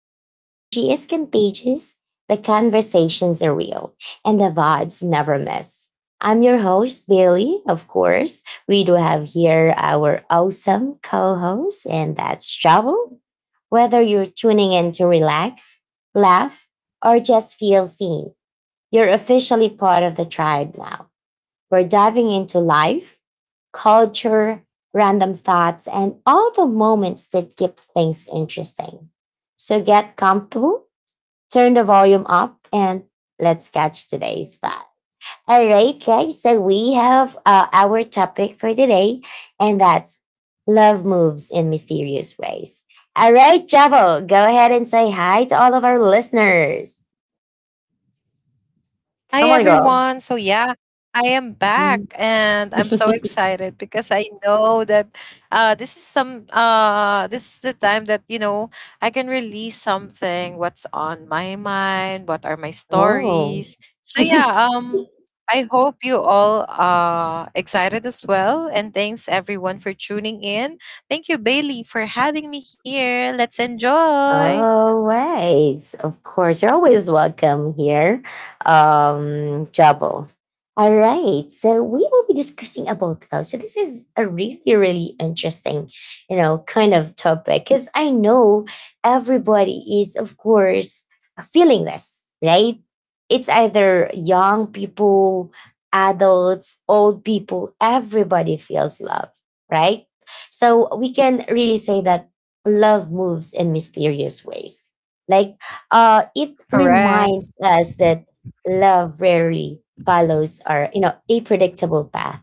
where the energy is contagious, the conversations are real, and the vibes never miss. I'm your host, Bailey. Of course, we do have here our awesome co host, and that's Travel. Whether you're tuning in to relax, laugh, or just feel seen, you're officially part of the tribe now. We're diving into life, culture, random thoughts, and all the moments that keep things interesting. So get comfortable, turn the volume up, and let's catch today's vibe. All right, guys. So we have our topic for today, and that's love moves in mysterious ways. All right, Chavo, go ahead and say hi to all of our listeners. Hi Come on, girl. everyone. So yeah, I am Mm. back and I'm so excited because I know that this is the time that you know I can release something what's on my mind, what are my Oh. stories. So yeah, I hope you all are excited as well, and thanks everyone for tuning in. Thank you Bailey for having me here. Let's enjoy. Always, of course, you're always welcome here, Jabal. All right, so we will be discussing about love. So this is a really, really interesting, you know, kind of topic because I know everybody is, of course, feeling this, right? It's either young people, adults, old people. Everybody feels love, right? So we can really say that love moves in mysterious ways. Like it Correct. reminds us that love rarely follows our, you know, a predictable path.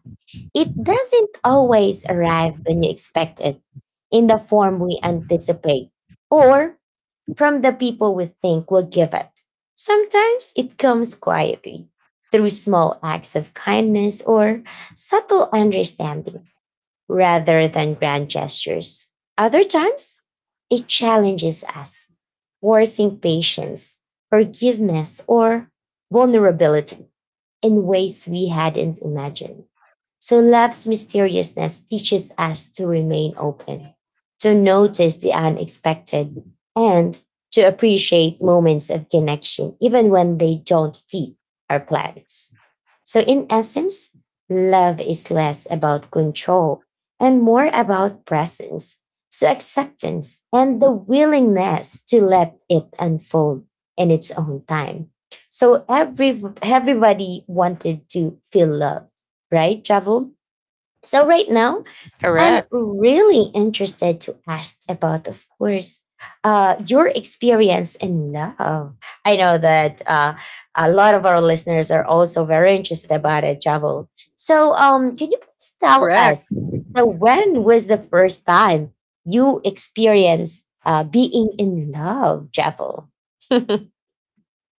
It doesn't always arrive when you expect it, in the form we anticipate, or from the people we think will give it. Sometimes it comes quietly through small acts of kindness or subtle understanding rather than grand gestures. Other times, it challenges us, forcing patience, forgiveness, or vulnerability in ways we hadn't imagined. So love's mysteriousness teaches us to remain open, to notice the unexpected, and to appreciate moments of connection, even when they don't fit our plans. So, in essence, love is less about control and more about presence. So, acceptance and the willingness to let it unfold in its own time. So everybody wanted to feel loved, right, Javel? So right now, I'm Correct. really interested to ask about, of course, your experience in love. I know that a lot of our listeners are also very interested about it, Javel. So, can you please tell Correct. us? So, when was the first time you experienced being in love, Javel?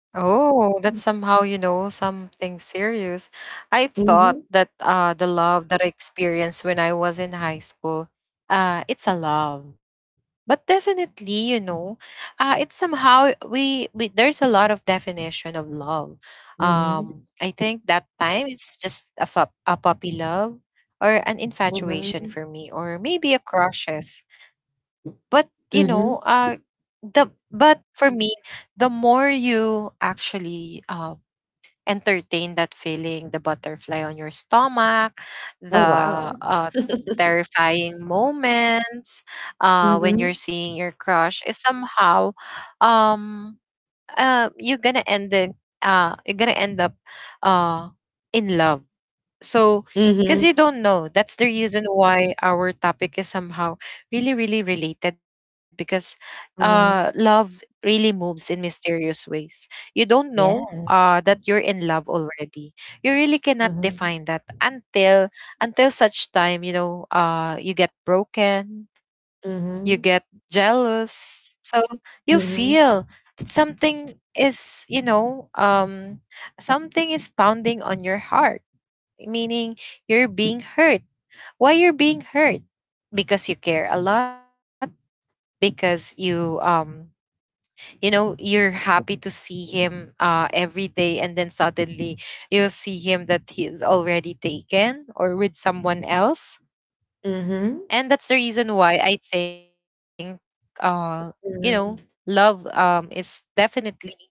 Oh, that's somehow, you know, something serious. I thought Mhm. that the love that I experienced when I was in high school, it's a love. But definitely, you know, it's somehow we there's a lot of definition of love. Mhm. I think that time it's just a, a puppy love or an infatuation Mhm. for me, or maybe a crushes. But you know, Mhm. The but for me the more you actually entertain that feeling, the butterfly on your stomach, the Oh, wow. uh, terrifying moments when you're Mhm. seeing your crush, is somehow um, you're gonna end it, you're gonna end up uh, in love, so because Mhm. you don't know, that's the reason why our topic is somehow really, really related because Mhm. Love really moves in mysterious ways. You don't know Yes. That you're in love already. You really cannot Mhm. define that until such time, you know, you get broken, you get Mhm. jealous. So you Mhm. feel that something is, you know, something is pounding on your heart, meaning you're being hurt. Why you're being hurt? Because you care a lot, because you you know you're happy to see him every day, and then suddenly you'll see him that he is already taken or with someone else. Mhm. And that's the reason why I think you know Mhm. love is definitely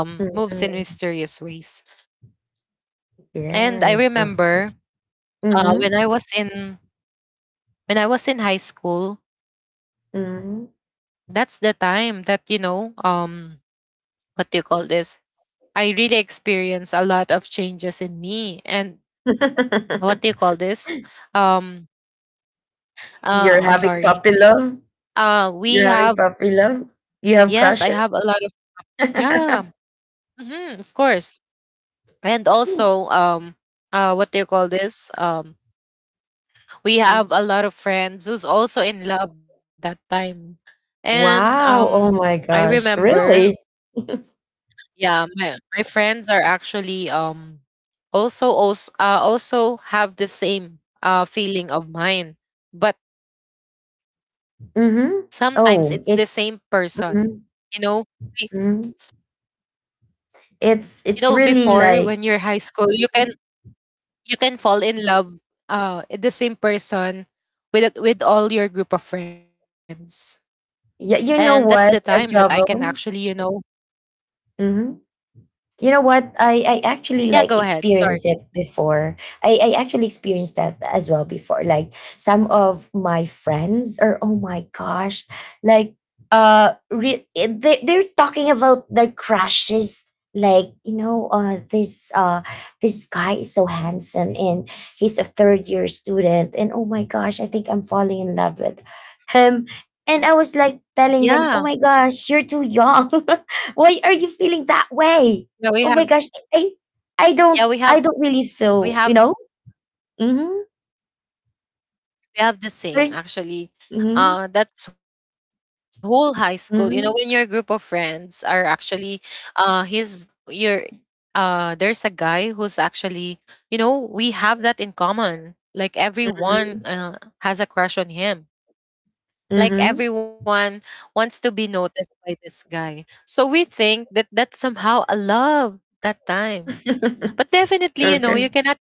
Mhm. moves in mysterious ways. Yes, of And I course. remember Mhm. uh when I was in when I was in high school, Mhm. that's the time that you know what do you call this, I really experienced a lot of changes in me. And what do you call this, um You're I'm having puppy sorry, love? You're we having have puppy love? You have yes I crushes? have a lot of, yeah, mhm, of course. And also what do you call this, we Mm. have a lot of friends who's also in love that time, and Wow. Oh I my gosh. remember, Really? yeah, my friends are actually also have the same feeling of mine, but sometimes Mhm. it's the same Oh, it's person. You mhm. know, Be- Mhm. you know It's before really when you're like high school, mm-hmm. you can fall in love the same person with with all your group of friends, and Yeah, that's the you know time that what? I A can actually you jovel. know, Mhm. You know what? I yeah go actually ahead like sorry. experienced it before. I actually experienced that as well before. Like some of my friends are oh my gosh, like they they're talking about their crushes. Like you know, this guy is so handsome and he's a third year student and oh my gosh, I think I'm falling in love with him. And I was like telling Yeah them, oh my gosh, you're too young. Why are you feeling that way? yeah we have Oh my gosh, I I yeah don't we have I don't really we feel, have you know? Mhm. We have the same Right? actually. Mhm. That's whole high school. You know, when your group of Mhm. friends are actually, uh, his your, there's a guy who's actually, you know, we have that in common. Like everyone Mhm. has a crush on him. Like Mhm. everyone wants to be noticed by this guy. So we think that that's somehow a love that time. But definitely, you know, you Okay. cannot,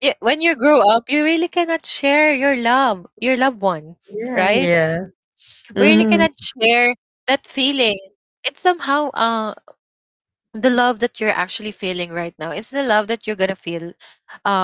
y- when you grow up, you really cannot share your love, your loved ones, Yeah, yeah. right? We really cannot Mhm. share that feeling. It's somehow the love that you're actually feeling right now. It's the love that you're going to feel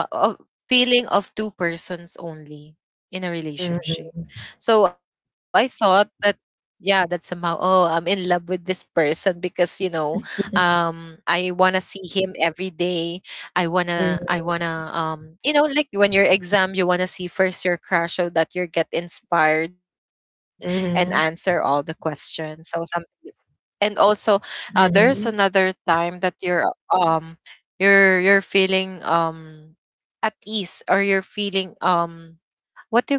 of feeling of two persons only in a Mhm. relationship. So I thought that yeah, that's somehow, oh I'm in love with this person because you know I wanna see him every day. I Mhm. wanna I wanna um you know, like when your exam you wanna see first your crush so that you get inspired and Mhm. answer all the questions. So something. And also Mhm. there's another time that um you're feeling at ease, or you're feeling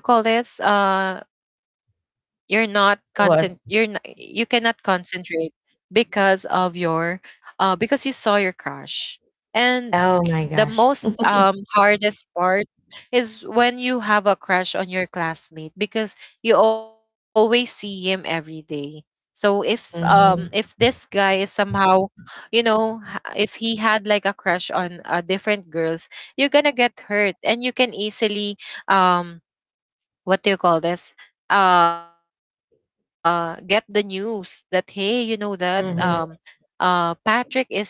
what do you call this? What? You're not, you cannot concentrate because of your, because you saw your crush. Oh And my gosh. the most hardest part is when you have a crush on your classmate because you always see him every day. So Mhm. if this guy is somehow, you know, if he had like a crush on different girls, you're gonna get hurt, and you can easily um what do you call this, get the news that hey, you know that Mhm. Patrick is, you know, with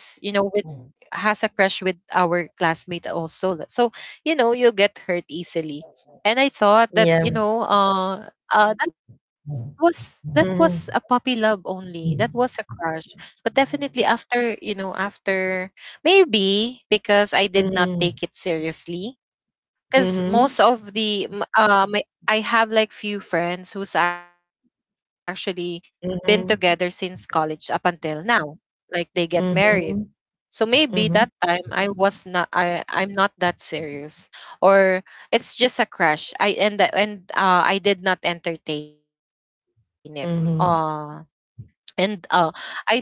has a crush with our classmate also. So you know you get hurt easily. And I thought that you Yeah. know that was a puppy Mhm. love only. That was a Mhm. crush, but definitely after, you know, after maybe because I did not take Mhm. it seriously, because most of the m- my I have like few friends who's actually been together since Mhm. college up until now, like they get married. Mhm. So maybe that Mhm. time I was not, I'm not that serious, or it's just a crush. I and I did not entertain it. Uh, Mhm. and I think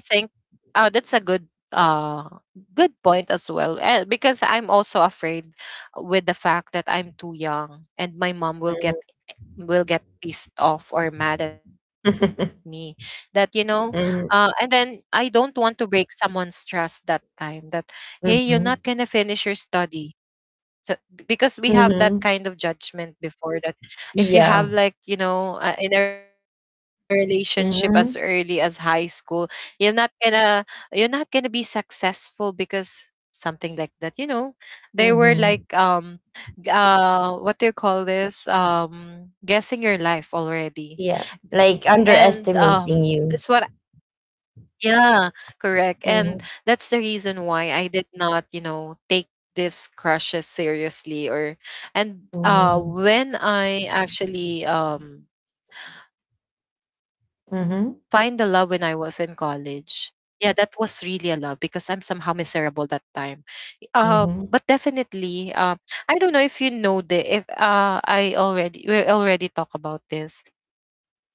that's a good uh good point as well, because I'm also afraid with the fact that I'm too young and my mom will get pissed off or mad at me, that you know and Mhm. then Mhm. I don't want to break someone's trust that time that hey, you're not gonna Mhm. finish your study. So because we have that Mhm. kind of judgment before that if you have, Yeah. like, you know, in a relationship as early as high Mhm. school, you're not gonna you're not gonna be successful because something like that, you know, they were like Mhm. What do you call this, guessing your life already. Yeah, like And underestimating that's what, you. yeah, correct. And Mhm, that's the reason why I did not, you know, take this crushes seriously, or and mhm, when I actually find the love when I was in mhm, college. Yeah, that was really a love because I'm somehow miserable that time. Uh but mhm, definitely I don't know if you know the if I already we already talk about this,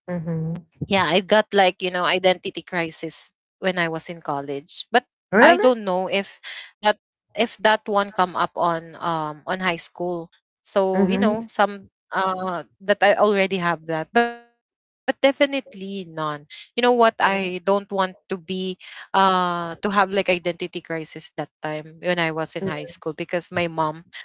mhm. yeah, I got like, you know, identity crisis when I was in college. But I Really? don't know that if that one come up on high school. So, Mhm, you know, some that I already have that, but definitely none. You know what? I mhm, don't want to be to have like identity crisis that time when I was in high school because my mom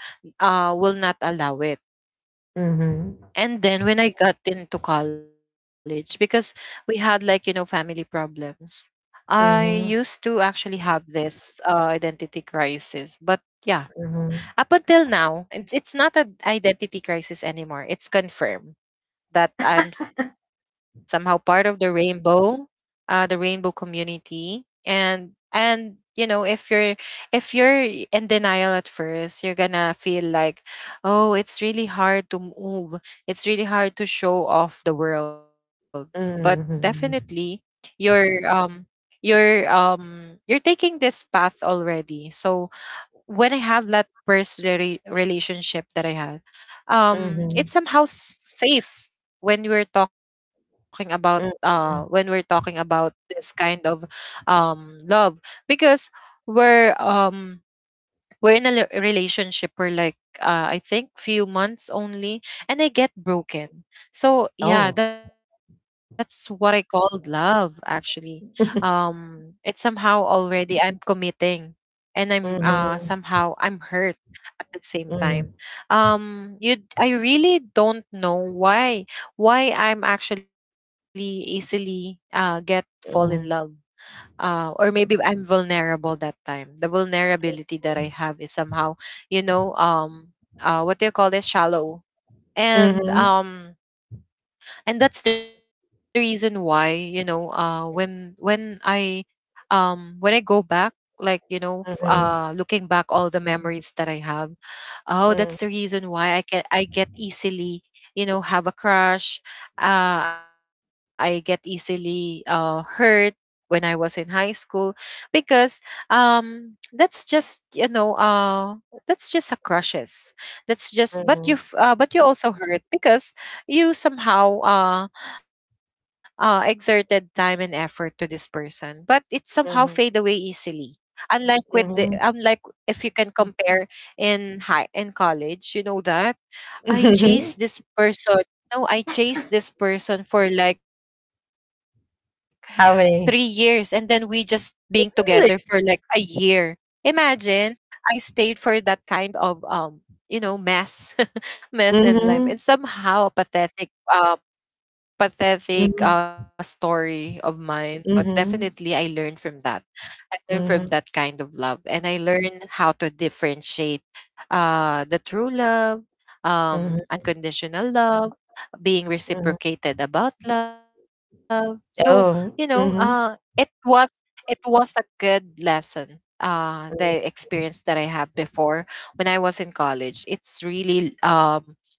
will not allow it. mhm, And then when I got into college, because we had like, you know, family problems, I mhm, used to actually have this identity crisis. But yeah, mhm, up until now, it's not an identity crisis anymore. It's confirmed that I'm somehow part of the rainbow community. And you know if you're in denial at first, you're gonna feel like, oh, it's really hard to move. It's really hard to show off the world. But definitely, mhm, you're um you're taking this path already. So when I have that first relationship that I had, mhm, mhm, it's somehow safe when we're talking about mhm. This kind of love because we're um we're in a relationship for like I think few months only, and I get broken. So Oh. yeah, that's what I called love. Actually, it's somehow already I'm committing, and I'm Mhm, somehow I'm hurt at the same time. mhm, You I really don't know why I'm actually easily get fall in love, mhm, or maybe I'm vulnerable that time. The vulnerability that mhm, I have is somehow, you know, what do you call this? Shallow. mhm, And and that's the reason why you know, when I, when I go back, like you know, mhm, looking back all the memories that I have, oh, that's the reason why I get easily, you know, have a crush. I get easily hurt when I was in high school because that's just you know that's just a crushes, that's just, but mhm, you but you also hurt because you somehow exerted time and effort to this person, but it somehow fade away mhm, easily, unlike with the mhm. unlike if you can compare in high in college, you know that? I chased this person. No, I chased this person for like 3 years, and then How we just many? being together for like a Really? year. Imagine I stayed for that kind of you know, mess mess in life. And Mhm, somehow a pathetic mhm, story of mine. But definitely I mhm, learned from that. I learned from that mhm, kind of love, and I learned how to differentiate the true love, mhm, unconditional love, being mhm. reciprocated about love. So, you Oh. know, uh, it was it was a good lesson. The Mhm, experience that I had before, when I was in college, it's really um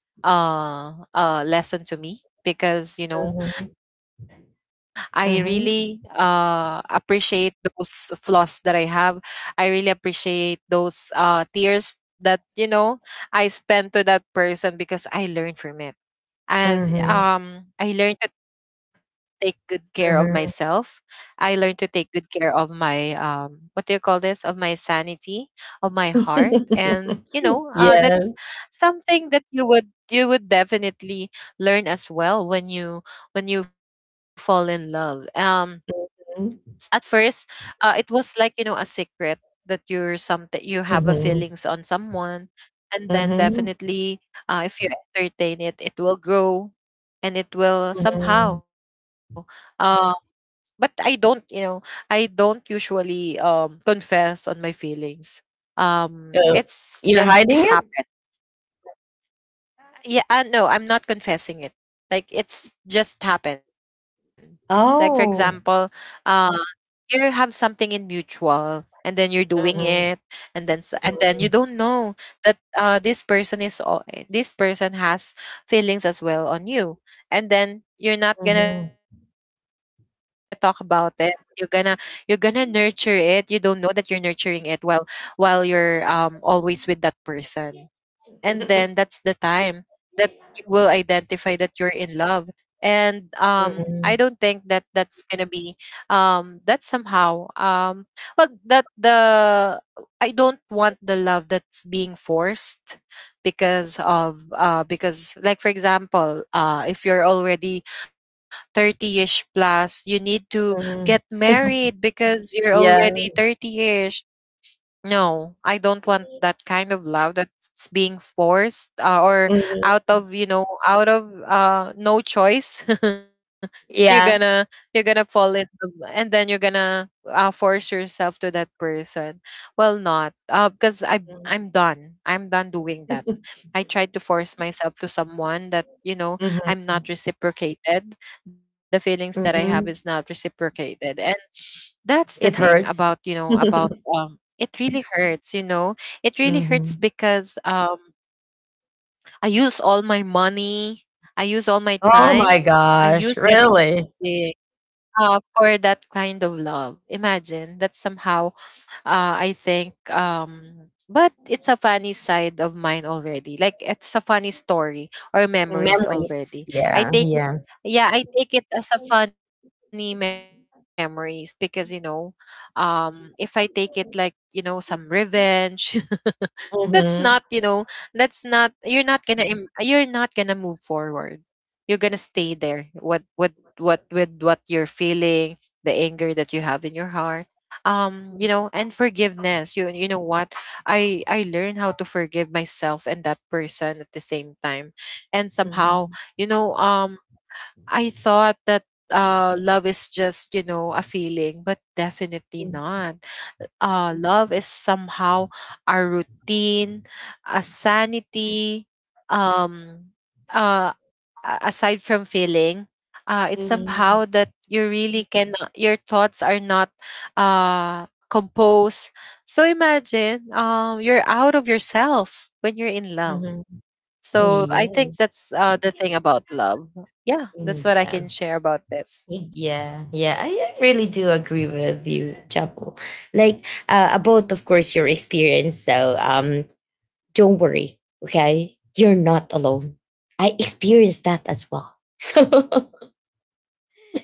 uh, a lesson to me because mhm, I really, mhm, appreciate those flaws that I have. I really appreciate those, tears that, I spent to that person, because I learned from it. and mhm, um i learned to take good care of myself. mhm. I learned to take good care of my, what do you call this, of my sanity, of my heart. And, Yeah. that's something that you would definitely learn as well when you fall in love. Mhm, At first, it was like, you know, a secret, that, you're some that you have a mhm, feelings on someone. And then, mhm, definitely, if you entertain it, it will grow, and it will mhm. somehow, uh, but I don't, I don't usually confess on my feelings. Uh, It's you're just hiding it? happened. Yeah, no, I'm not confessing it, like, it's just happened. Like, for example, Oh. uh you have something in mutual, and then you're doing it. Mhm, And then you mhm, don't know that, this person this person has feelings as well on you. And then you're not going mhm. to talk about it, you're gonna, nurture it. You don't know that you're nurturing it, while you're, always with that person. And then that's the time that you will identify that you're in love. And, Mhm. I don't Mhm. think that that's gonna be, that somehow, well, that the I don't want the love that's being forced, because of, because, like, for example, if you're already 30ish plus, you need to get married because you're Yeah. already 30ish. No, I don't want that kind of love that's being forced, or Mhm. out of, out of, no choice. you're gonna Yeah. you're gonna fall in love, and then you're gonna, force yourself to that person. Well, not. Because I Mhm. I'm done. I'm done doing that. I tried to force myself to someone that I'm Mhm. not reciprocated. The feelings that I have is Mhm. not reciprocated. And that's the It thing hurts. about, about, it really hurts, you know, it really hurts Mhm. because, I use all my money, I use all my Oh my time, I gosh, use really? everything, for that kind of love. Imagine that somehow, I think. But it's a funny side of mine already. Like, it's a funny story or memories Memories, already. I yeah, take it, yeah. yeah, I take it as a funny memories, because, if I take it like, some revenge, that's not, Mhm, that's not, you're not gonna move forward. You're gonna stay there, what with what you're feeling, the anger that you have in your heart. You know, and forgiveness, you know what, I learn how to forgive myself and that person at the same time. And mhm, somehow, you know um I thought that, love is just a feeling, but definitely mm, not. Love is somehow a routine, a sanity. Um, uh, Aside from feeling, it's mhm, somehow that you really cannot, your thoughts are not, composed. So imagine, you're out of yourself when you're in love. mhm. So I think Yes, that's, the thing about love. Yeah, that's mm, what I yeah, can share about this. yeah, yeah, I really do agree with you, Chapo. Like, about, of course, your experience, so don't worry, okay? You're not alone. I experienced that as well. So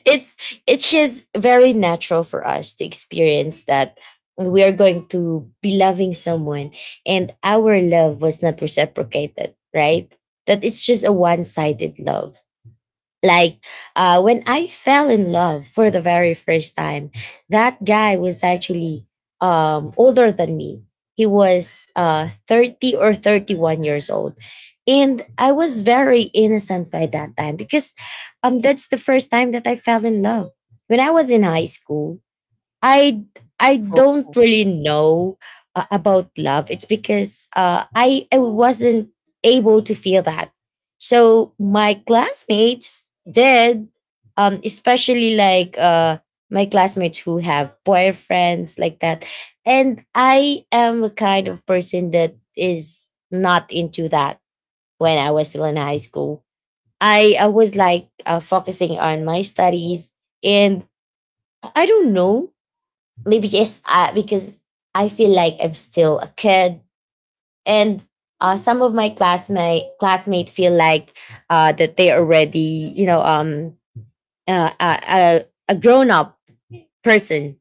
it's it's just very natural for us to experience that we are going to be loving someone and our love was not reciprocated, right? That it's just a one-sided love, like when I fell in love for the very first time, that guy was actually older than me. He was 30 or 31 years old, and I was very innocent by that time because that's the first time that I fell in love. When I was in high school, I Oh, I don't really know about love. It's because I wasn't able to feel that. So my classmates did, especially like my classmates who have boyfriends like that, and I am the kind of person that is not into that. When I was still in high school, I was like focusing on my studies, and I don't know, maybe just because I feel like I'm still a kid, and some of my classmate feel like that they already, you know, uh, uh, uh, a grown up person,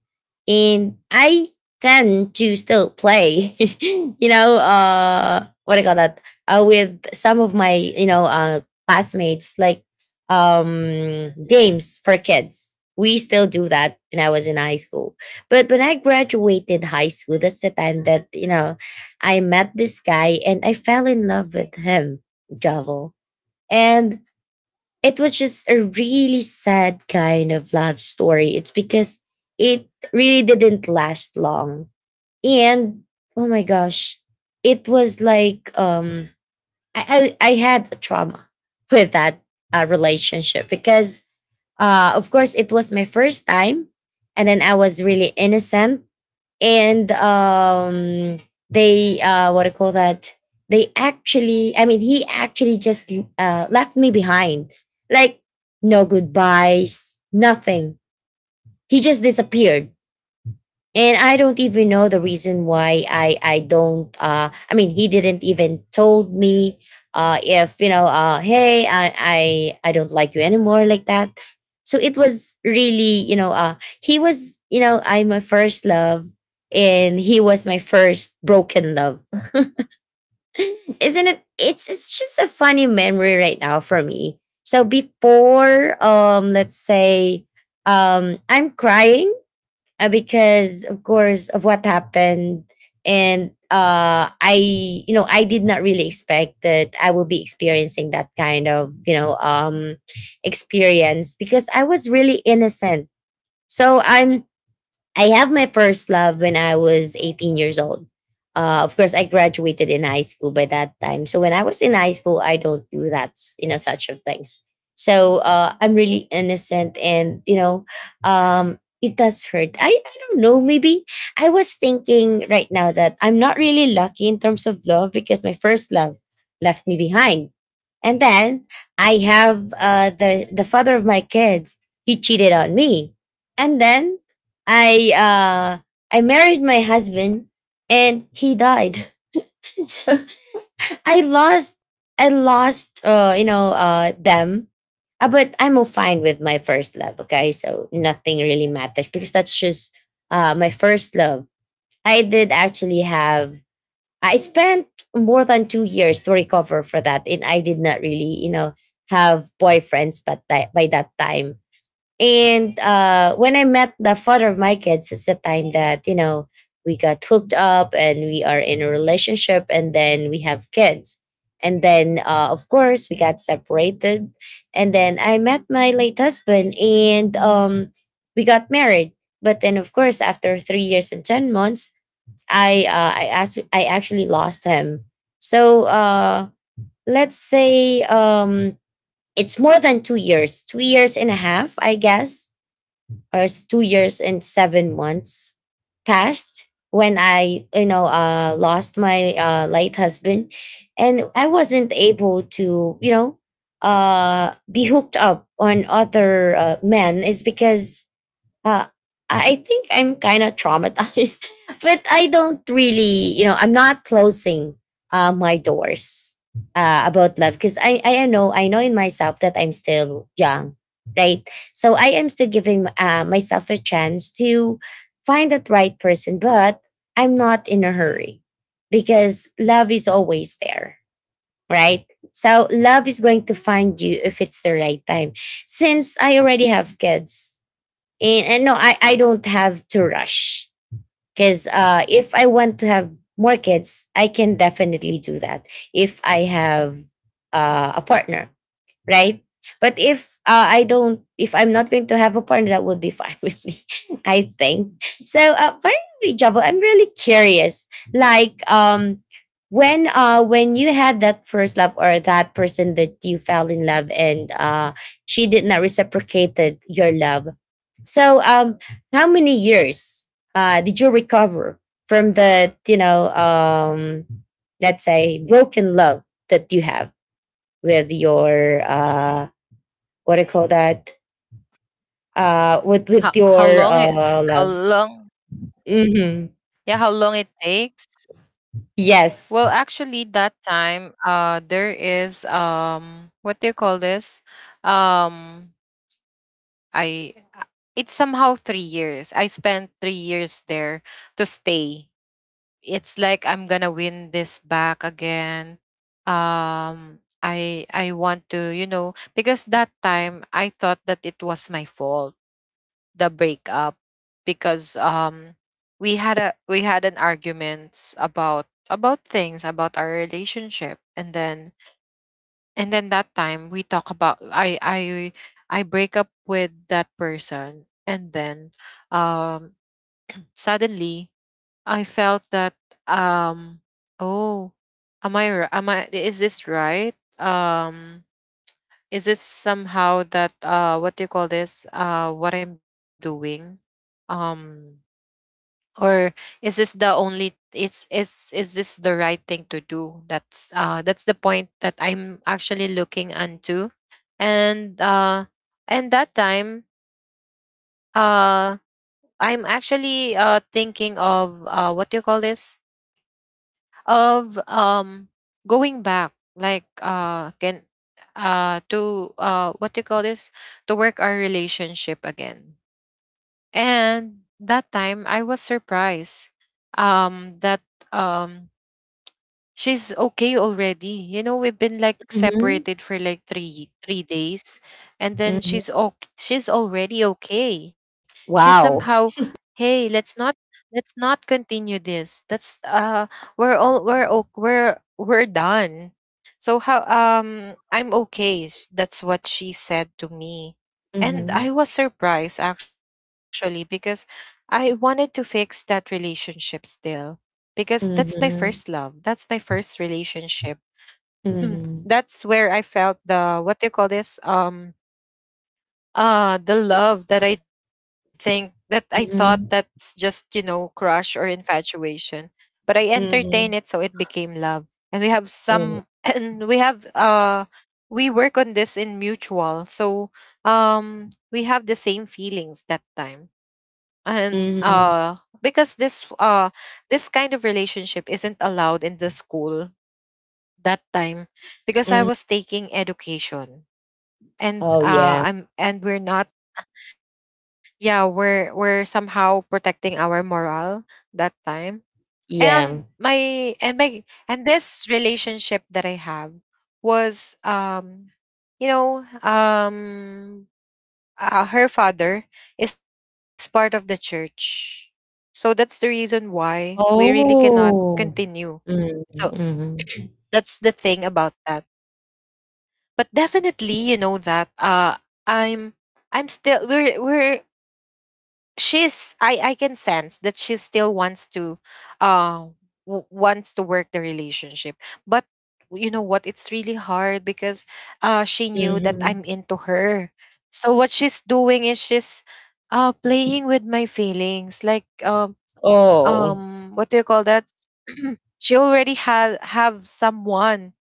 and I tend to still play you know what do you call that, with some of my you know classmates, like games for kids. We still do that when I was in high school. But when I graduated high school, that's the time that, you know, I met this guy and I fell in love with him, Javo. And it was just a really sad kind of love story. It's because it really didn't last long. And oh my gosh, it was like I had a trauma with that relationship because of course it was my first time, and then I was really innocent. And they what do call that, they actually, I mean, he actually just left me behind, like no goodbyes, nothing. He just disappeared, and I don't even know the reason why. I mean, he didn't even told me if, you know, hey, I don't like you anymore, like that. So it was really, you know, he was, you know, I'm my first love, and he was my first broken love. Isn't it? It's just a funny memory right now for me. So before, let's say I'm crying because of course of what happened. And I you know, I did not really expect that I will be experiencing that kind of, you know, experience because I was really innocent. So I'm I have my first love when I was 18 years old. Of course, I graduated in high school by that time. So when I was in high school, I don't do that, you know, such of things. So I'm really innocent, and you know, it does hurt. I don't know. Maybe I was thinking right now that I'm not really lucky in terms of love because my first love left me behind, and then I have the the father of my kids. He cheated on me, and then I uh I married my husband, and he died. So I lost, I lost them. But I'm all fine with my first love, okay? So nothing really matters because that's just my first love. I did actually have, I spent more than 2 years to recover for that, and I did not really, you know, have boyfriends but that by that time. And when I met the father of my kids, it's the time that, you know, we got hooked up and we are in a relationship and then we have kids. And then, of course, we got separated. And then I met my late husband, and we got married. But then, of course, after 3 years and 10 months, I actually lost him. So let's say it's more than 2 years, 2 years and a half, I guess, 2 years and 7 months passed when I, you know, lost my late husband. And I wasn't able to, you know, be hooked up on other men, is because I I think I'm kind of traumatized, but I don't really, you know, I'm not closing my doors about love because I know, I know in myself that I'm still young, right? So I am still giving myself a chance to find that right person, but I'm not in a hurry because love is always there, right? So love is going to find you if it's the right time. Since I already have kids, and no I don't have to rush because if I want to have more kids, I can definitely do that if I have a partner, right? But if I'm not going to have a partner, that would be fine with me, I think. So, finally, Javo, I'm really curious. Like, when you had that first love or that person that you fell in love and she did not reciprocated your love, so how many years did you recover from the let's say broken love that you have? With your what do you call that with How, with how your long it how love. long Hmm. yeah, how long it takes? Well, Yes. actually, that time, there is, what do you call this? Um I It's somehow 3 years. I spent 3 years there to stay. It's like I'm gonna win this back again. I want to, you know, because that time I thought that it was my fault, the breakup, because, we had an arguments about things about our relationship. And then that time we talk about, I break up with that person. And then, um suddenly I felt that, um oh, am I r- am I is this right? Um is this somehow that, what do you call this? What I'm doing? Um or Is this the only, it's is this the right thing to do? That's the point that I'm actually looking into. And uh and that time, uh I'm actually, thinking of, what do you call this, of, going back, like, can to, what you call this, to work our relationship again. And that time I was surprised, that, um she's okay already. You know, we've been like Hmm. separated for like three three days, and then Hmm. she's okay. She's already okay. She's Wow. somehow, hey, let's not continue this. That's we're all we're o- we're we're done. So how, I'm okay. That's what she said to me, and Hmm. I was surprised actually, because I wanted to fix that relationship still, because that's my first love. Hmm. That's my first relationship. Mhm. Hmm. Hmm. That's where I felt the, what do you call this, the love that I think, that I thought that's just, you know, crush or infatuation. But I entertain it, Hmm. so it became love. And we have some and we have, we work on this in mutual. So, we have the same feelings, that time. And, Hmm. Because this kind of relationship isn't allowed in the school, that time, because I Hmm. was taking education. Oh, And, yeah, I'm and we're not. Yeah, we're somehow protecting our morale, that time. yeah. And my and my and this relationship that I have was, you know um her father is part of the church. So that's the reason why we really cannot Oh. continue. So, Mm-hmm. that's the thing about that. But, definitely, you know that, I'm I'm still we're she's, I can sense that she still wants to, uh wants to work the relationship. But, you know what, it's really hard because, she knew that I'm Hmm. into her. So what she's doing is, she's, playing with my feelings, like, Oh. What do you call that? She already had have someone,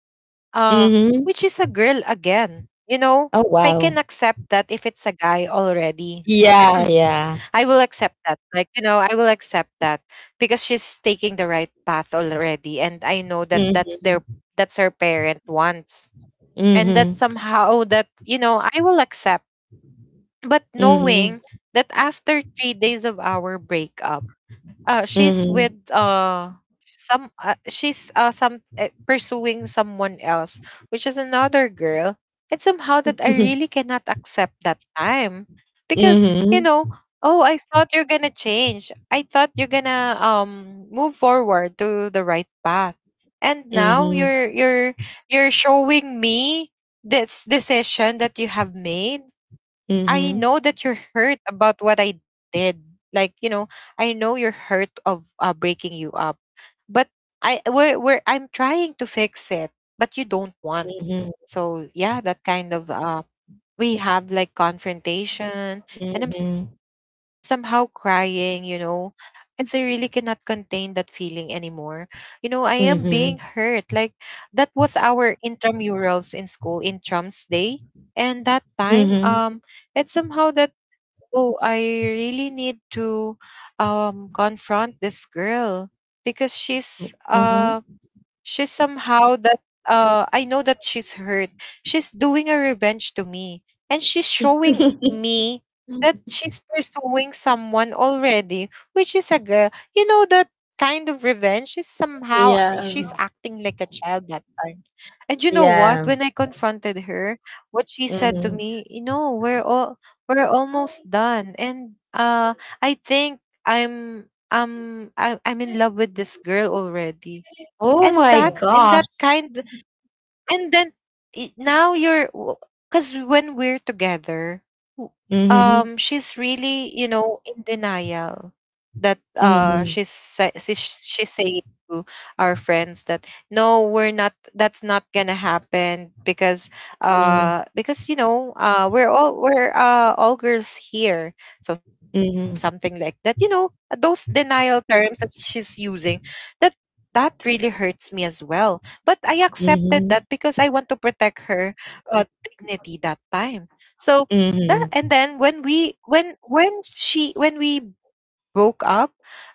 uh, Hmm. which is a girl again. You know, Oh, I wow. can accept that if it's a guy already. Yeah, yeah. I will accept that. Like, you know, I will accept that, because she's taking the right path already. And I know that Hmm. that's their, that's her parent wants. And that Hmm. somehow that, you know, I will accept. But Hmm. knowing that after 3 days of our breakup, she's Hmm. with, some she's some pursuing someone else, which is another girl. It's somehow that I really cannot accept, that time, because, you Mhm, know, oh, I thought you're gonna change. I thought you're gonna, move forward to the right path, and now mhm, you're showing me this decision that you have made. I mhm, know that you're hurt about what I did. Like, you know, I know you're hurt of, breaking you up, but, I we're I'm trying to fix it, but you don't want. mhm, So, yeah, that kind of, we have like confrontation, and I'm mhm, somehow crying, you know, and so I really cannot contain that feeling anymore. You know, I am being hurt. mhm, Like, that was our intramurals in school, in Trumps Day, and that time, mhm, it's somehow that, oh, I really need to, confront this girl, because she's, mhm. She's somehow that, I know that she's hurt. She's doing a revenge to me. And she's showing me that she's pursuing someone already, which is a girl. You know, that kind of revenge is somehow, she's Yeah, acting like a child, that time. And, you know yeah, what, when I confronted her, what she said to mhm. me, you know, we're almost done. And, I think, I'm in love with this girl already, Oh at my that, in gosh. that kind. And then, now you're, because when we're together, w- Mhm, she's really, you know, in denial that, mhm, she's saying to our friends that, no, we're not, that's not gonna happen, because, mhm, because, you know, we're, all girls here, so, mhm, something like that, you know. Those denial terms that she's using, that, really hurts me as well, but I accepted mhm, that because I want to protect her, dignity, that time. So, that. mhm, And then when we, when she when we broke up,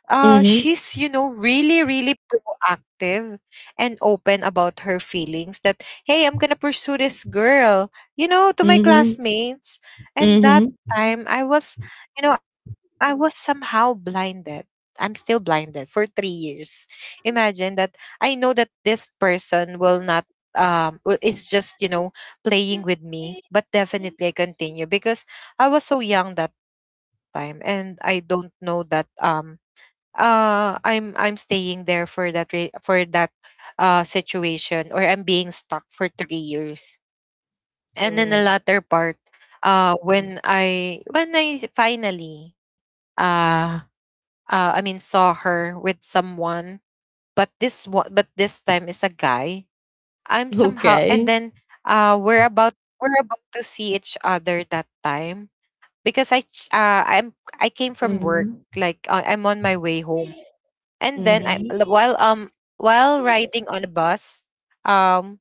mhm, she's, you know, really, really proactive and open about her feelings, that, hey, I'm going to pursue this girl, you know, to my mhm, classmates. And that mhm. time I was, I was somehow blinded. I'm still blinded for 3 years. Imagine that I know that this person will not, it's just, playing with me, but definitely I continue because I was so young that time and I don't know that I'm staying there for that for that situation, or I'm being stuck for 3 years. And then the Mm. latter part, when I finally uh I mean saw her with someone, but this one but this time is a guy. I'm somehow. And Okay. then we're about to see each other that time because I'm, I came from work, Mhm. like, I'm on my way home, and then I Mhm, l- while riding on a bus, um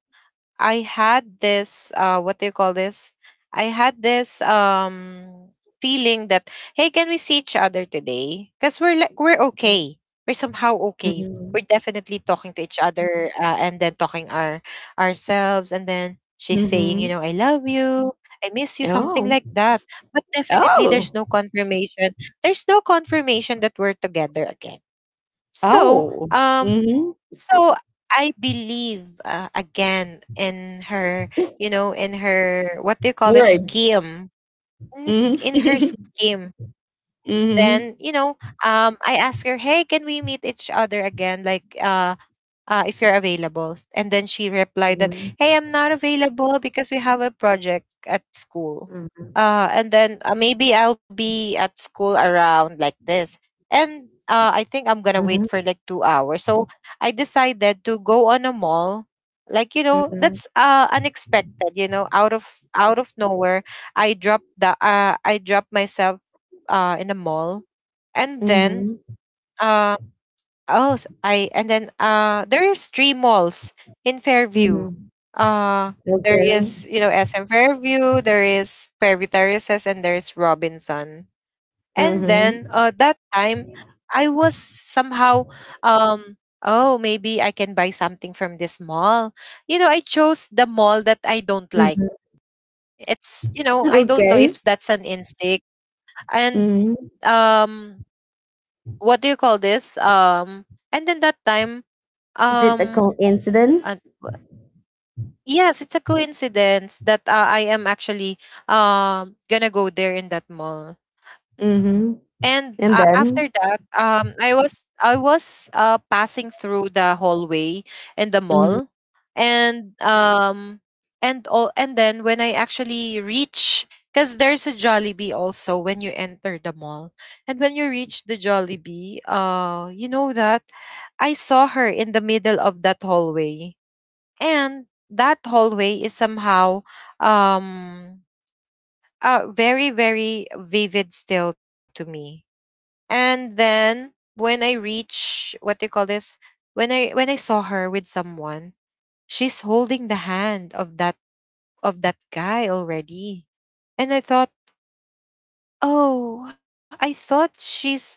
I had this, what do you call this? I had this, feeling that, hey, can we see each other today? Cuz we're like, we're mhm, okay. We're somehow okay. mhm, We're definitely talking to each other, and then talking our ourselves, and then she's saying, you mhm. know, I love you. I miss you, something Oh, like that. But definitely there's oh, no confirmation. There's no confirmation that we're together again. So, oh. um Mhm. so I believe, again in her, you know, in her, what do you call this, Words. scheme? Mhm. In her scheme. Then, you Mhm. know, I asked her, "Hey, can we meet each other again? Like, if you're available." And then she replied that, Mhm, hey, I'm not available because we have a project at school. mhm, And then, maybe I'll be at school around like this. And I think I'm going to wait mhm, for like 2 hours. So I decided to go on a mall. Like, you know, mhm, that's, unexpected, you know, out of nowhere. I dropped myself, in a mall. And then, mhm, um Oh, s- I and then, there's three malls in Fairview. mhm. Uh there Okay. is, you know, SM Fairview, there is Fairview Terraces, and there's Robinson. And Mhm, then, that time, I was somehow, um oh, maybe I can buy something from this mall. You know, I chose the mall that I don't like. mhm. It's, you know, I don't know Okay. if that's an instinct. Mhm. And, what do you call this? And then that time, Is it a um, coincidence? uh, w- yes, it's a coincidence that, I am actually, gonna go there in that mall. Mhm. And, And after then? that, I was passing through the hallway in the Mhm, mall, and, and all and then when I actually reach. Because there's a Jollibee also when you enter the mall. And when you reach the Jollibee, you know that I saw her in the middle of that hallway, and that hallway is somehow, um very very vivid still to me. And then when I reach, what do you call this, when I saw her with someone, she's holding the hand of that, of that guy already. And I thought, oh, I thought she's not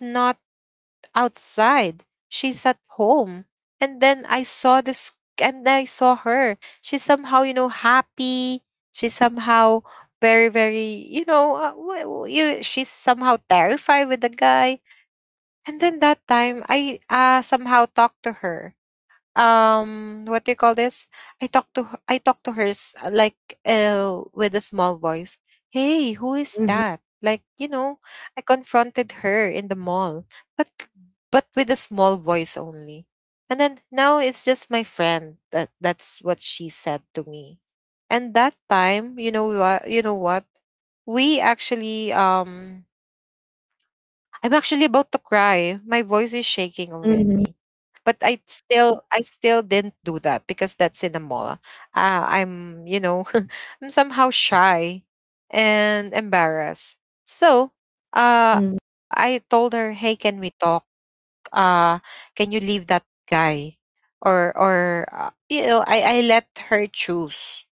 outside. She's at home. And then I saw this, and I saw her. She's somehow, you know, happy. She's somehow very, very, you know, she's somehow terrified with the guy. And then that time, I somehow talked to her, what do you call this, I talk to her like, with a small voice, hey, who is mhm, that, like, you know. I confronted her in the mall, but but with a small voice only. And then, now it's just my friend," that that's what she said to me. And that time, you know what, we actually, I'm actually about to cry. My voice is shaking already. mhm, But I still, didn't do that because that's in a mall. I'm, you know, I'm somehow shy and embarrassed. So, mhm, I told her, "Hey, can we talk? Uh can you leave that guy?" Or you know, I let her choose,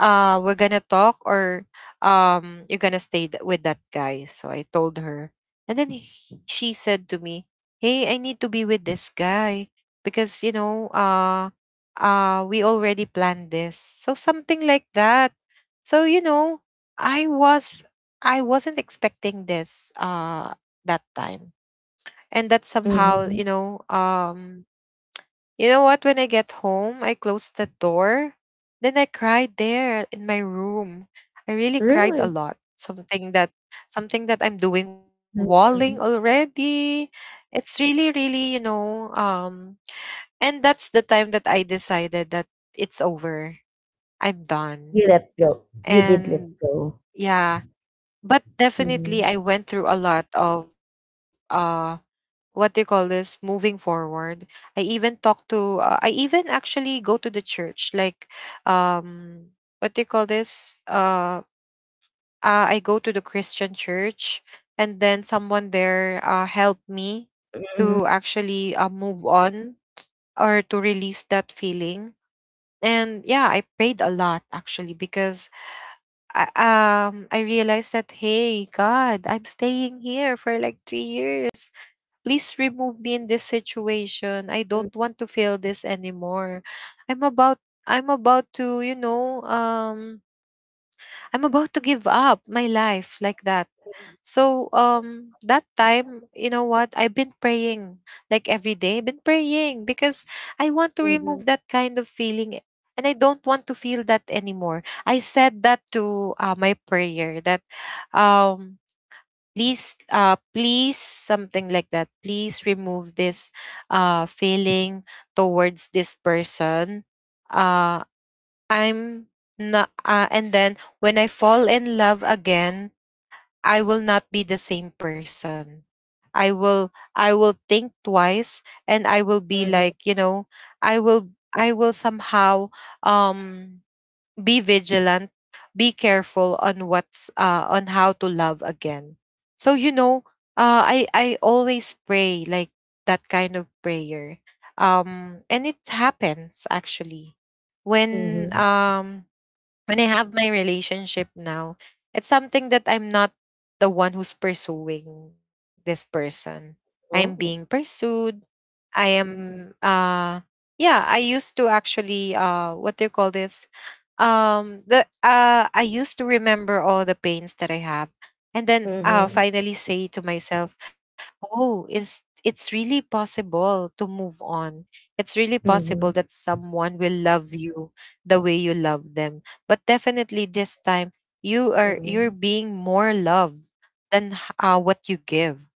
we're gonna talk, or, you're gonna stay with that guy. So I told her. And then she said to me, hey, I need to be with this guy because, you know, we already planned this, so something like that. So, you know, I was, I wasn't expecting this, that time. And that somehow, mhm. you know, you know what? When I get home, I closed the door. Then I cried there in my room. I really cried a Really? lot. Something that, I'm doing walling Mhm. already. It's really, really, you know, and that's the time that I decided that it's over. I'm done. You let go. You did let And go. yeah. But definitely Mhm, I went through a lot of, what do you call this, moving forward. I even actually go to the church, like, um what do you call this, I go to the Christian church. And then someone there, helped me mhm, to actually, move on or to release that feeling. And yeah, I prayed a lot actually because I, I realized that, hey God, I'm staying here for like 3 years. Please remove me in this situation. I mhm, don't want to feel this anymore. I'm about, I'm about to, you know, I'm about to give up my life, like that. So, that time, you know what? I've been praying like every day. I've been praying because I want to mhm, remove that kind of feeling, and I don't want to feel that anymore. I said that to, my prayer that, um please, something like that, please remove this, feeling towards this person. Uh I'm not And then when I fall in love again, I will not be the same person. i will I will think twice, and I will be mhm, like, you know, i will I will somehow, um be vigilant, be careful on what's, on how to love again. So, you know, I always pray, like, that kind of prayer. And it happens actually when, mhm. When I have my relationship now, it's something that I'm not the one who's pursuing this person. I'm being Oh. pursued. I am, uh yeah, I used to actually, what do you call this? The I used to remember all the pains that I have, and then, Mhm, finally say to myself, "Oh, it's really possible to move on. It's really possible mhm, that someone will love you the way you love them. But definitely this time you are, you're mhm, being more loved than what you give."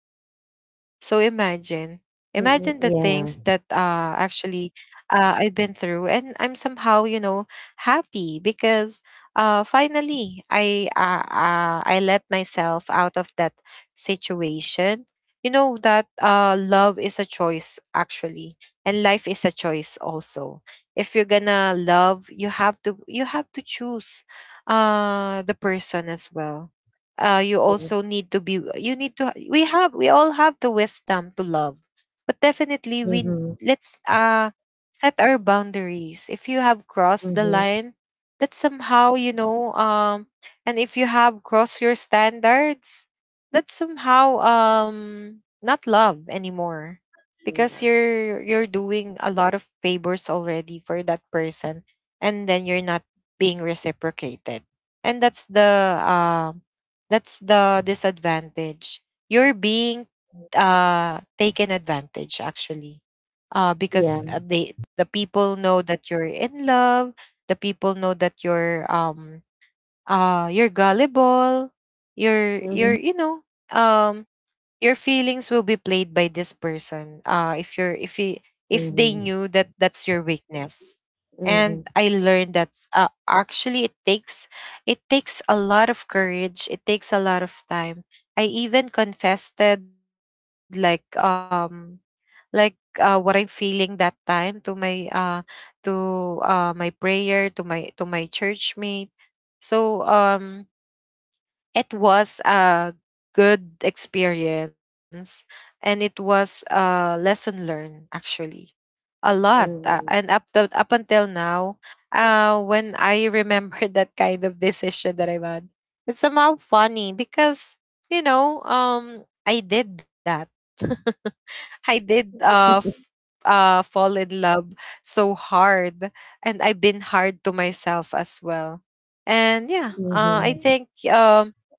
So imagine, imagine the mhm. things that, Yeah. Actually, I've been through. And I'm somehow, you know, happy because, finally I let myself out of that situation. You know that, love is a choice actually, and life is a choice also. If you're gonna love, you have to choose, the person as well. You Yeah. also need to be you need to, we all have the wisdom to love. But definitely we, Mhm, let's set our boundaries. If you have crossed the mhm. line, that's somehow, you know, and if you have crossed your standards, that's somehow, not love anymore, because Yeah. you're doing a lot of favors already for that person, and then you're not being reciprocated. And that's the, disadvantage. You're being, taken advantage, actually. Yeah. Because they, the people know that you're in love, the people know that you're, you're gullible, Mhm. you know, um your feelings will be played by this person, if you're, if they Mhm. knew that that's your weakness. And Mhm. I learned that, actually, it takes, it takes a lot of courage, it takes a lot of time. I even confessed, like, what I'm feeling that time to my, to my prayer, to my, to my church mate. So, it was a good experience, and it was a lesson learned, actually, a lot. Mhm. And up to, up until now, when I remember that kind of decision that I had, it's somehow funny because, you know, I did that. I did, fall in love so hard, and I've been hard to myself as well. And yeah, Mhm. I think,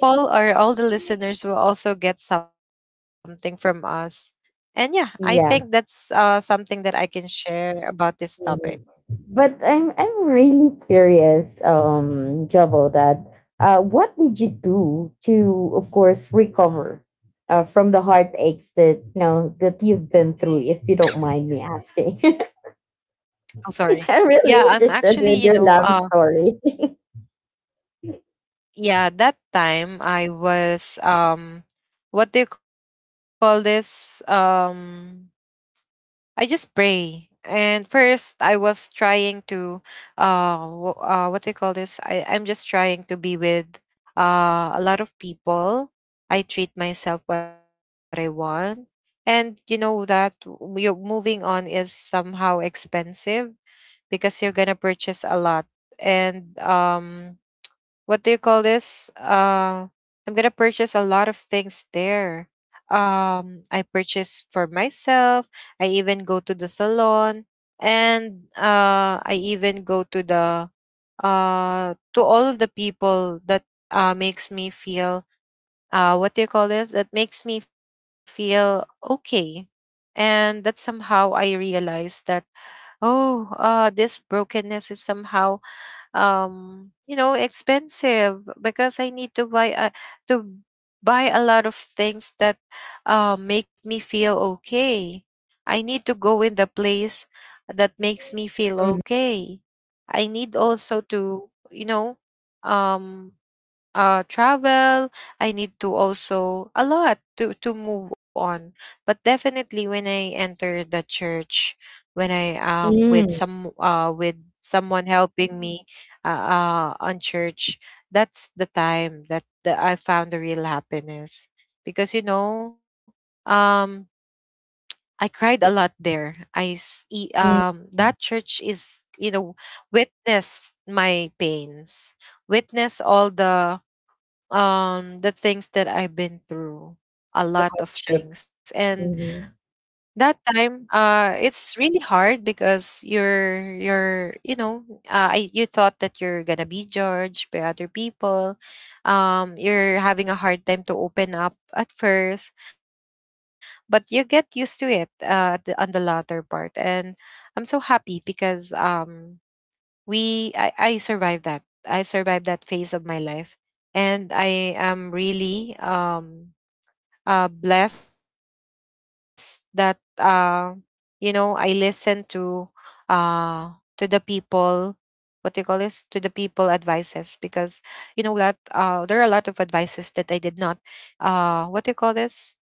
people, or all the listeners, will also get something from us. And yeah, I think that's, Yeah. Something that I can share about this topic. Mhm. But I'm really curious, Jovo, that what did you do to, of course, recover from the heartaches that you know that you've been through? If you don't mind me asking, I'm sorry. I'm really Yeah, I'm interested actually, in you your know, love story. yeah, that time I was, what do you call this? I just pray. And first, I was trying to, wh- what do you call this? I'm just trying to be with, a lot of people. I treat myself what I want, and you know that you're moving on is somehow expensive because you're gonna purchase a lot, and what do you call this? I'm gonna purchase a lot of things there. I purchase for myself. I even go to the salon, and I even go to the to all of the people that makes me feel what do you call this? That makes me feel okay. And that somehow I realized that oh this brokenness is somehow you know expensive because I need to buy a lot of things that make me feel okay. I need to go in the place that makes me feel Mhm. okay. I need also to, you know, um travel. I need to also a lot to move on. But definitely when I enter the church, when I with Mm, some with someone helping me on church, that's the time that I found the real happiness because you know, um I cried a lot there. Mhm. That church is, you know, witnessed my pains, witness all the things that I've been through, a lot of Courtship. things. And Mhm. that time, it's really hard because you're you know, you thought that you're gonna be judged by other people. You're having a hard time to open up at first, but you get used to it at on the latter part. And I'm so happy because I survived that. I survived that phase of my life, and I am really blessed that you know, I listen uh to the people. What do you call this, to the people advices, because you know that there are a lot of advices that I did not what do you call this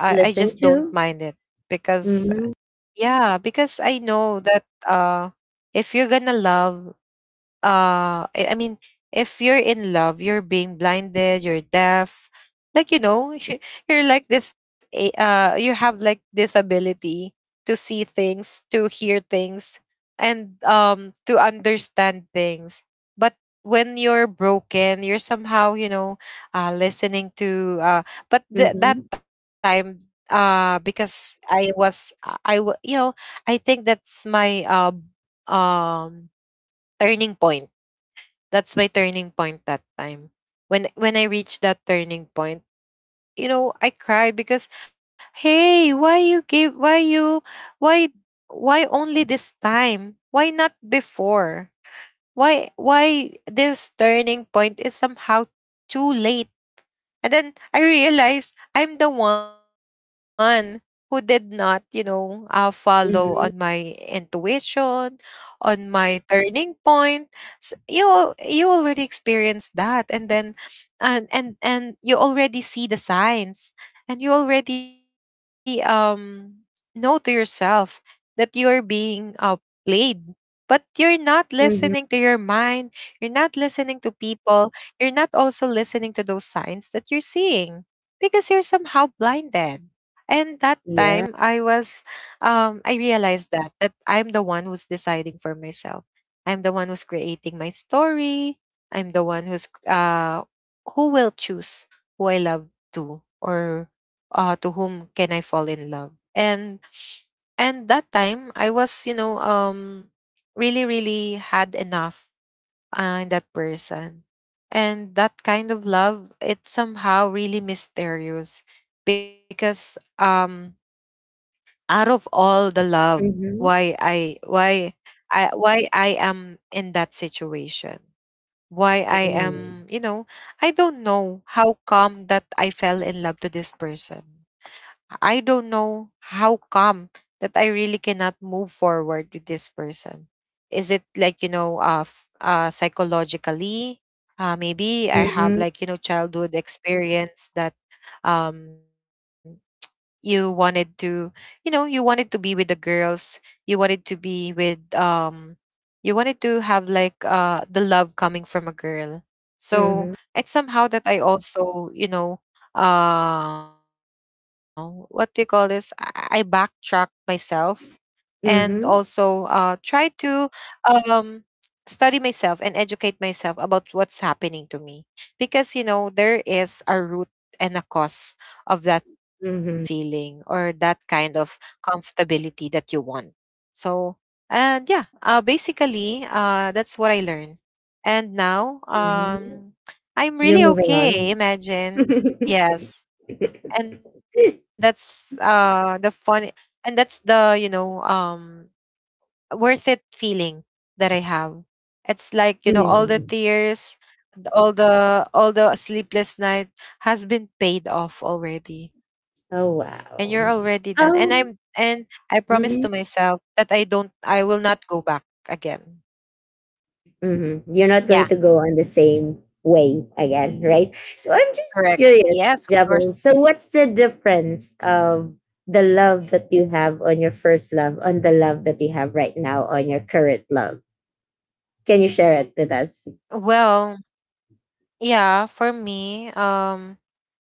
I Listen just don't to. mind it because, Mhm. yeah, because I know that if you're gonna love uh I I mean if you're in love, you're being blinded, you're deaf, like, you know, you're like this you have like this ability to see things, to hear things, and to understand things. But when you're broken, you're somehow, you know, listening to that Mhm. time. Because I was I wa- You know, I think that's my um turning point. That's my turning point that time. When I reached that turning point, you know, I cried because, hey, why why only this time? Why not before? Why this turning point is somehow too late? And then I realized I'm the one who did not, you know, follow on my Mhm. intuition, on my turning point. You you already experienced that, and then, and you already see the signs, and you already know to yourself that you are being played, but you're not listening to your Mhm. mind. You're not listening to people, you're not also listening to those signs that you're seeing because you're somehow blinded. And that time Yeah. I was, I realized that I'm the one who's deciding for myself. I'm the one who's creating my story. I'm the one who's who will choose who I love to, or to whom can I fall in love. And that time I was, you know, really really had enough in that person. And that kind of love, it's somehow really mysterious because, out of all the love, Mhm. why I why why I am in that situation. Why I Mm. am, you know, I don't know how come that I fell in love to this person. I don't know how come that I really cannot move forward with this person. Is it like, you know, psychologically? Maybe I Mhm. have like, you know, childhood experience that, um you wanted to, you know, you wanted to be with the girls, you wanted to be with, you wanted to have like the love coming from a girl. Mhm. So it's somehow that I also, you know, uh what do you call this I backtrack myself and Mhm. also try to um study myself and educate myself about what's happening to me, because you know there is a root and a cause of that Mhm. feeling or that kind of comfortability that you want. So, and yeah, basically, that's what I learned. And now, Mhm. You're moving I'm really on. okay. Imagine, yes, and that's the fun, and that's the, you know, worth it feeling that I have. It's like, you know, Mm. all the tears, all the sleepless night has been paid off already. Oh, And you're wow. already done. And I'm Um, and I promise to mhm. myself that I will not go back again. Hmm. You're not going to Yeah, go on the same way again, right? So I'm just curious, correct. Yes, Jabo. of So course. what's the difference of the love that you have on your first love on the love that you have right now on your current love? Can you share it with us? Well, yeah, for me,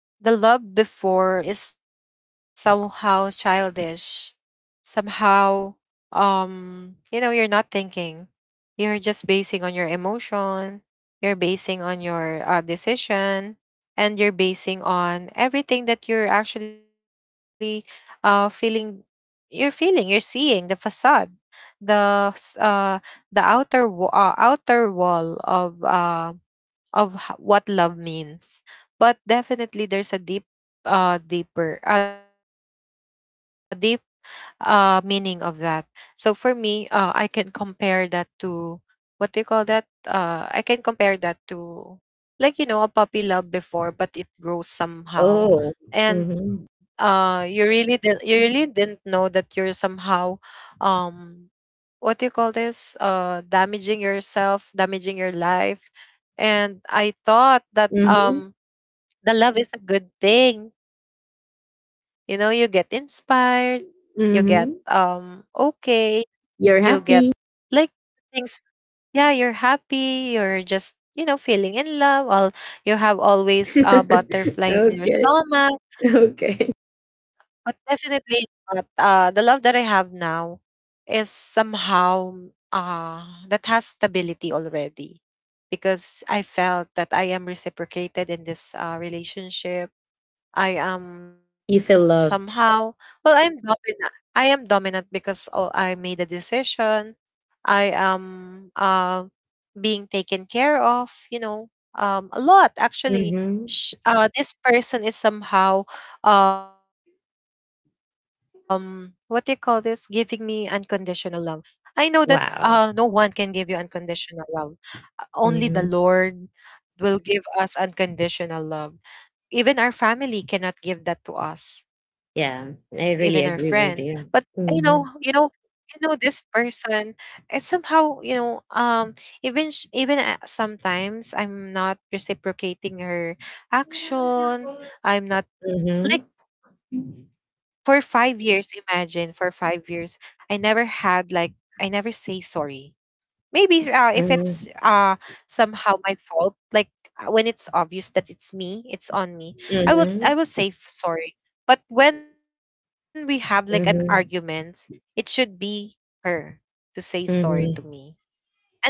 the love before is somehow childish. Somehow, you know, you're not thinking. You're just basing on your emotion. You're basing on your decision, and you're basing on everything that you're actually feeling. You're feeling. You're seeing the facade, the s- uh the outer outer wall of what love means. But definitely there's a deeper, a deep meaning of that. So for me, I can compare that to, what do you call that? Uh, I can compare that to, like, you know, a puppy love before, but it grows somehow. Oh. And Mm-hmm. you really did you really didn't know that you're somehow, um what do you call this damaging yourself, damaging your life. And I thought that, Mm-hmm. The love is a good thing. You know, you get inspired, you get Mm-hmm. Okay, you get You're happy. like things. Yeah, you're happy, you're just, you know, feeling in love, all, you have always a butterfly in your Okay. stomach. Okay. But definitely not the love that I have now is somehow, uh, that has stability already because I felt that I am reciprocated in this relationship. I am You feel somehow well. loved. I'm dominant. I am dominant because, oh, I made a decision. I am being taken care of, you know, a lot actually. Mm-hmm. This person is somehow, what do you call this, giving me unconditional love. I know that no one can Wow. give you unconditional love. Only the Mm-hmm. Lord will give us unconditional love. Even our family cannot give that to us, Yeah, even I our really friends. agree with But you. you know, Mm-hmm. You know this person, it's somehow, you know, even sometimes I'm not reciprocating her Mhm, action. I'm not like, for 5 years, imagine, for 5 years I never had like, I never say sorry. Maybe if mhm, it's somehow my fault, like when it's obvious that it's me, it's on me, mhm, I will say sorry. But when we have like an mhm, argument, it should be her to say sorry mhm. to me.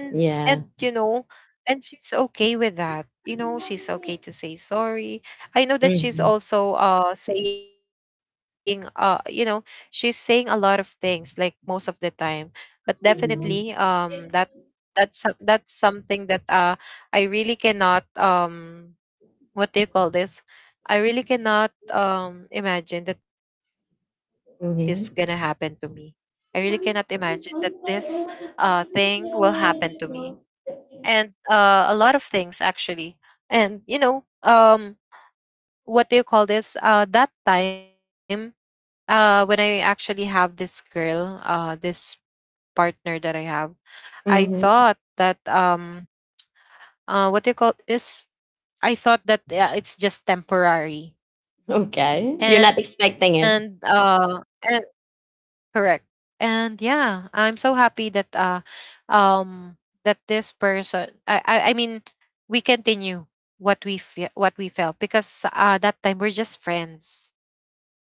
and Yeah. and you know, and she's okay with that. You know, she's okay to say sorry. I know Mhm, that she's also saying you know, she's saying a lot of things, like, most of the time. But definitely, mhm, that, that's something that I really cannot what do you call this I really cannot imagine that this gonna happen to me. mhm. I really cannot imagine that this thing will happen to me. And a lot of things actually. And you know, what do you call this? That time, when I actually have this girl, this partner that I have, I Mhm. thought that, what do you call this? I thought that it's just temporary, Okay. You're not expecting and it. Correct. And yeah, I'm so happy that, um that this person, we continue what we what we felt, because that time we're just friends.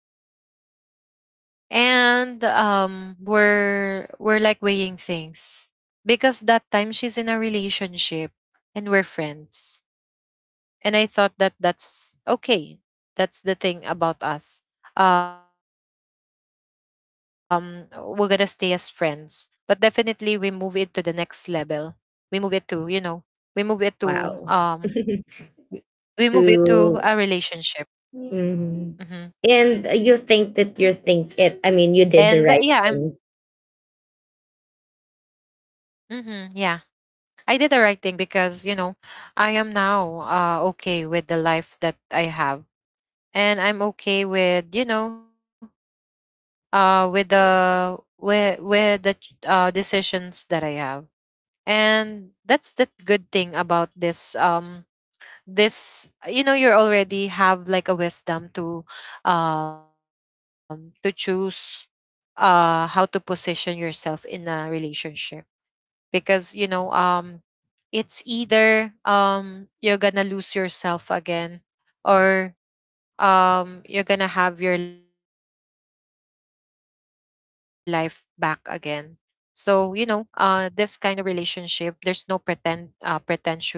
And we're like weighing things because that time she's in a relationship and we're friends, and I thought that that's okay. That's the thing about us. um we're gonna stay as friends, but definitely we move it to the next level. We move it to we move it to Wow. W- we move it To to a relationship. mhm. And Hmm. You think and it, I yeah, mean, I'm you did the right thing. hmm yeah, I did the right thing because you know I am now okay with the life that I have, and I'm okay with, you know, with the with the decisions that I have. And that's the good thing about this, this, you know, you already have like a wisdom to choose how to position yourself in a relationship, because you know it's either you're gonna lose yourself again or you're gonna have your life back again. So you know, this kind of relationship, there's no pretend pretentious feeling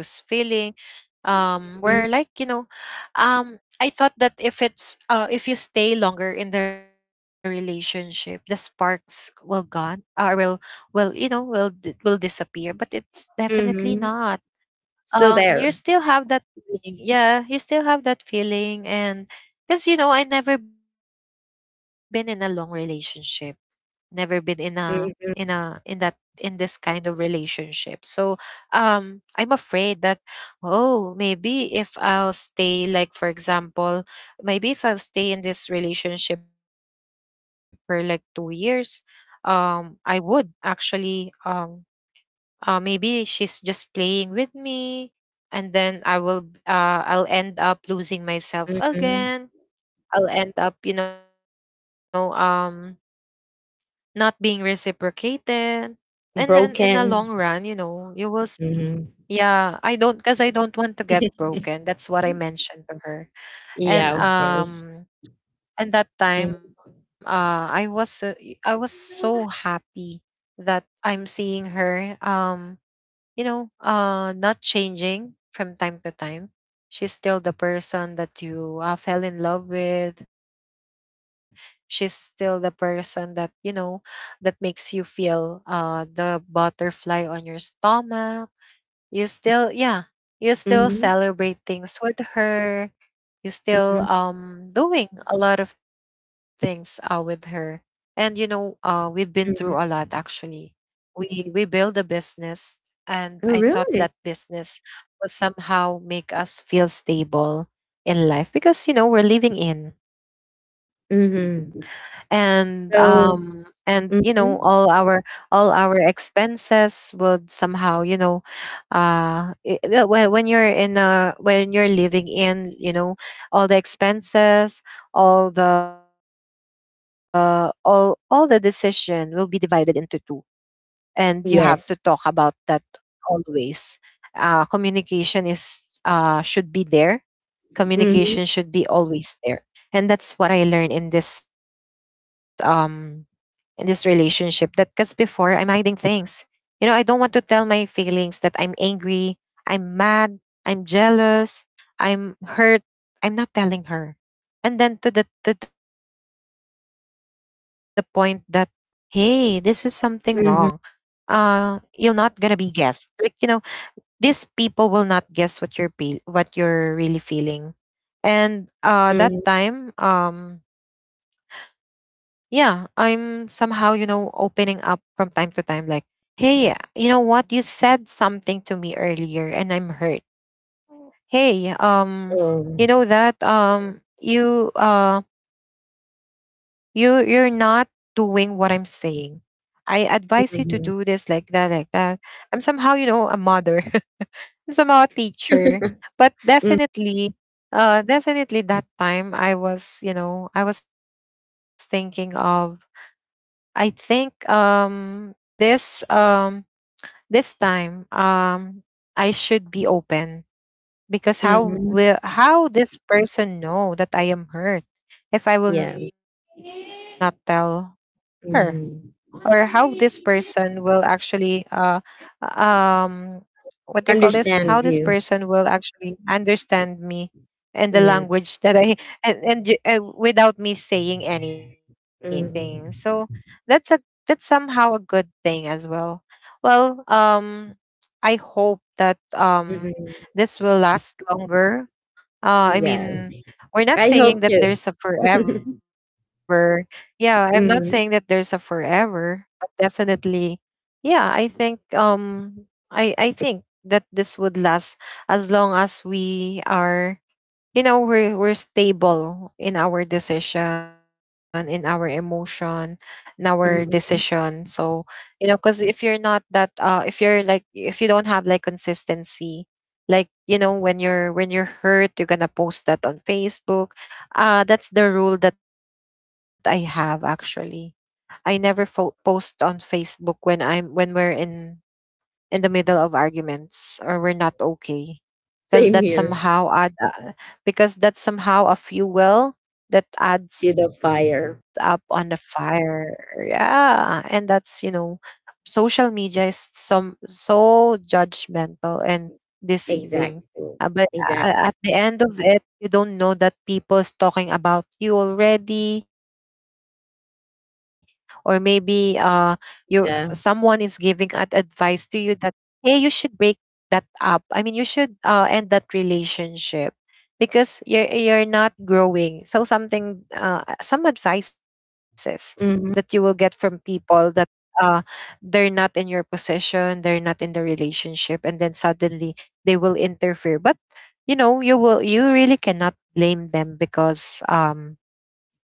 where, like, you Mhm. know, I thought that if it's if you stay longer in the relationship, the sparks will gone will, you know, will will disappear. But it's definitely Mhm. not. Still You there. still have that feeling. Yeah, you still have that feeling. And because, you know, I never been in a long relationship, never been in a in Mhm. that in this kind of relationship. So I'm afraid that oh, maybe if I'll stay, like, for example, maybe if I'll stay in this relationship for like 2 years, I would actually maybe she's just playing with me, and then I will I'll end up losing myself Mhm. again. I'll end up, you know, not being reciprocated, and then in the long run, you Broken. know, you will see. Mm-hmm. Yeah, I don't, because I don't want to get broken. That's what I mentioned to her. and Yeah, of um course. and that time Mm. I was I was so happy that I'm seeing her, you know, not changing from time to time. She's still the person that you fell in love with. She's still the person that, you know, that makes you feel the butterfly on your stomach. You still yeah, you still Mhm, celebrate things with her. You still mhm, doing a lot of things with her. And you know, we've been through a lot mhm. actually. We build a business, and I Oh, thought that really? business will somehow make us feel stable in life, because you know, we're living in. Mhm. And So and you know, mhm. all our expenses would somehow, you know, when you're in when you're living in, you know, all the expenses, all the decision will be divided into two, and you have to talk Yes. about that always. Communication is should be there. Communication Mhm, should be always there. And that's what I learned in this, in this relationship, that because before I'm hiding things. You know, I don't want to tell my feelings that I'm angry, I'm mad, I'm jealous, I'm hurt. I'm not telling her. And then to the point that, hey, this is something wrong. Mhm, You're not gonna be guessed. Like, you know, these people will not guess what you're what you're really feeling. And that time, mhm. Yeah, I'm somehow, you know, opening up from time to time, like, hey, you know what? You said something to me earlier and I'm hurt. Hey, you Oh. know that you you're not doing what I'm saying. I advise you to do this like Mhm. that, like that. I'm somehow, you know, a mother. I'm somehow a teacher. But Mm, definitely, definitely that time I was, you know, I was thinking of I think this this time, I should be open, because how mhm. will how this person know that I am hurt if I will Yeah. not tell her? Or how Mhm. this person will actually um what do you call this, how this Understand person you. will actually understand me in the Yeah. language that I and without me saying anything. So Mhm. that's a that's somehow a good thing as well. Well, I hope that Mhm. this will last longer. Uh, I Yeah. mean, we're not I saying hope that to. there's a forever. Yeah, I'm not saying that there's a Mhm, forever, but definitely, yeah, I think I think that this would last as long as we are, you know, we're stable in our decision, in our emotion, in our decision. mhm. So you know, because if you're not that, if you're like, if you don't have like consistency, like, you know, when you're hurt, you're gonna post that on Facebook. That's the rule that I have actually. I never post on Facebook when I'm when we're in the middle of arguments, or we're not okay, because that Same here. somehow add because that's somehow a fuel, well, that To adds the up on the fire. fire. Yeah, and that's, you know, social media is some so judgmental and deceiving. Exactly. But Exactly. At the end of it, you don't know that people's talking about you already, or maybe you someone is giving an Yeah. advice to you that hey, you should break that up. I mean, you should end that relationship, because you're not growing. So something, some advices that you will get from Mhm. people that uh, they're not in your position, they're not in the relationship, and then suddenly they will interfere. But you know, you will you really cannot blame them, because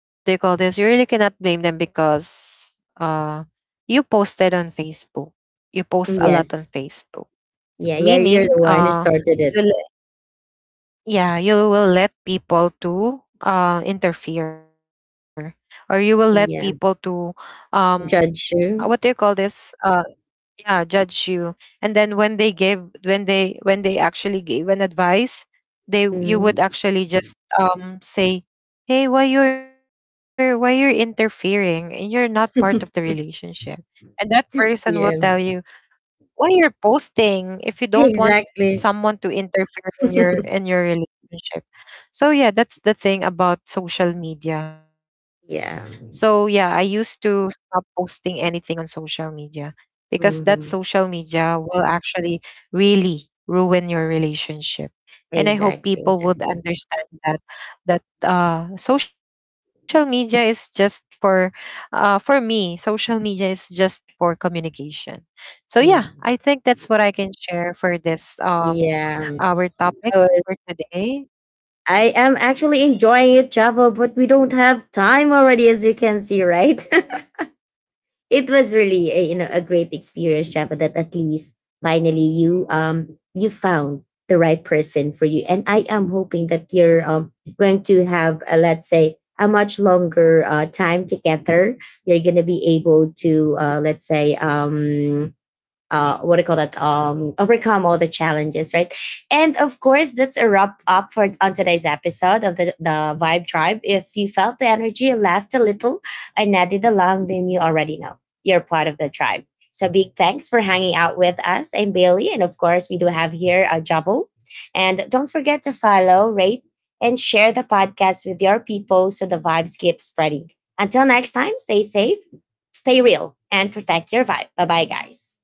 what do you call this? You really cannot blame them, because you posted on Facebook. You post a Yes. lot on Facebook, Yeah, yeah, you're the one who meaning started it. you le- yeah, you will let people to interfere, or you will let Yeah, people to um, judge you. what do you call this? Yeah, judge you, and then when they give when they actually gave an advice, Hmm. they you would actually just say, hey, why you're interfering and you're not part of the relationship? And that Yeah, person will tell you, why you're posting if you don't exactly. want someone to interfere in your relationship? So yeah, that's the thing about social media. Yeah, So yeah, I used to stop posting anything on social media, because hmm, that social media will actually really ruin your relationship. exactly, And I hope exactly. people would understand that social media is just for me, social media is just for communication. So Mm. yeah, I think that's what I can share for this Yeah, I our was. topic for today. I am actually enjoying it, Java, but we don't have time already, as you can see, right? It was really a, you know a great experience, Java. That at least finally you found the right person for you, and I am hoping that you're going to have a, let's say a much longer time together. You're gonna be able to let's say what do you call that? Overcome all the challenges, right? And of course, that's a wrap up for on today's episode of the Vibe Tribe. If you felt the energy, laughed a little, and nodded along, then you already know you're part of the tribe. So big thanks for hanging out with us. I'm Bailey, and of course, we do have here a Javo. And don't forget to follow, rate, and share the podcast with your people so the vibes keep spreading. Until next time, stay safe, stay real, and protect your vibe. Bye bye, guys.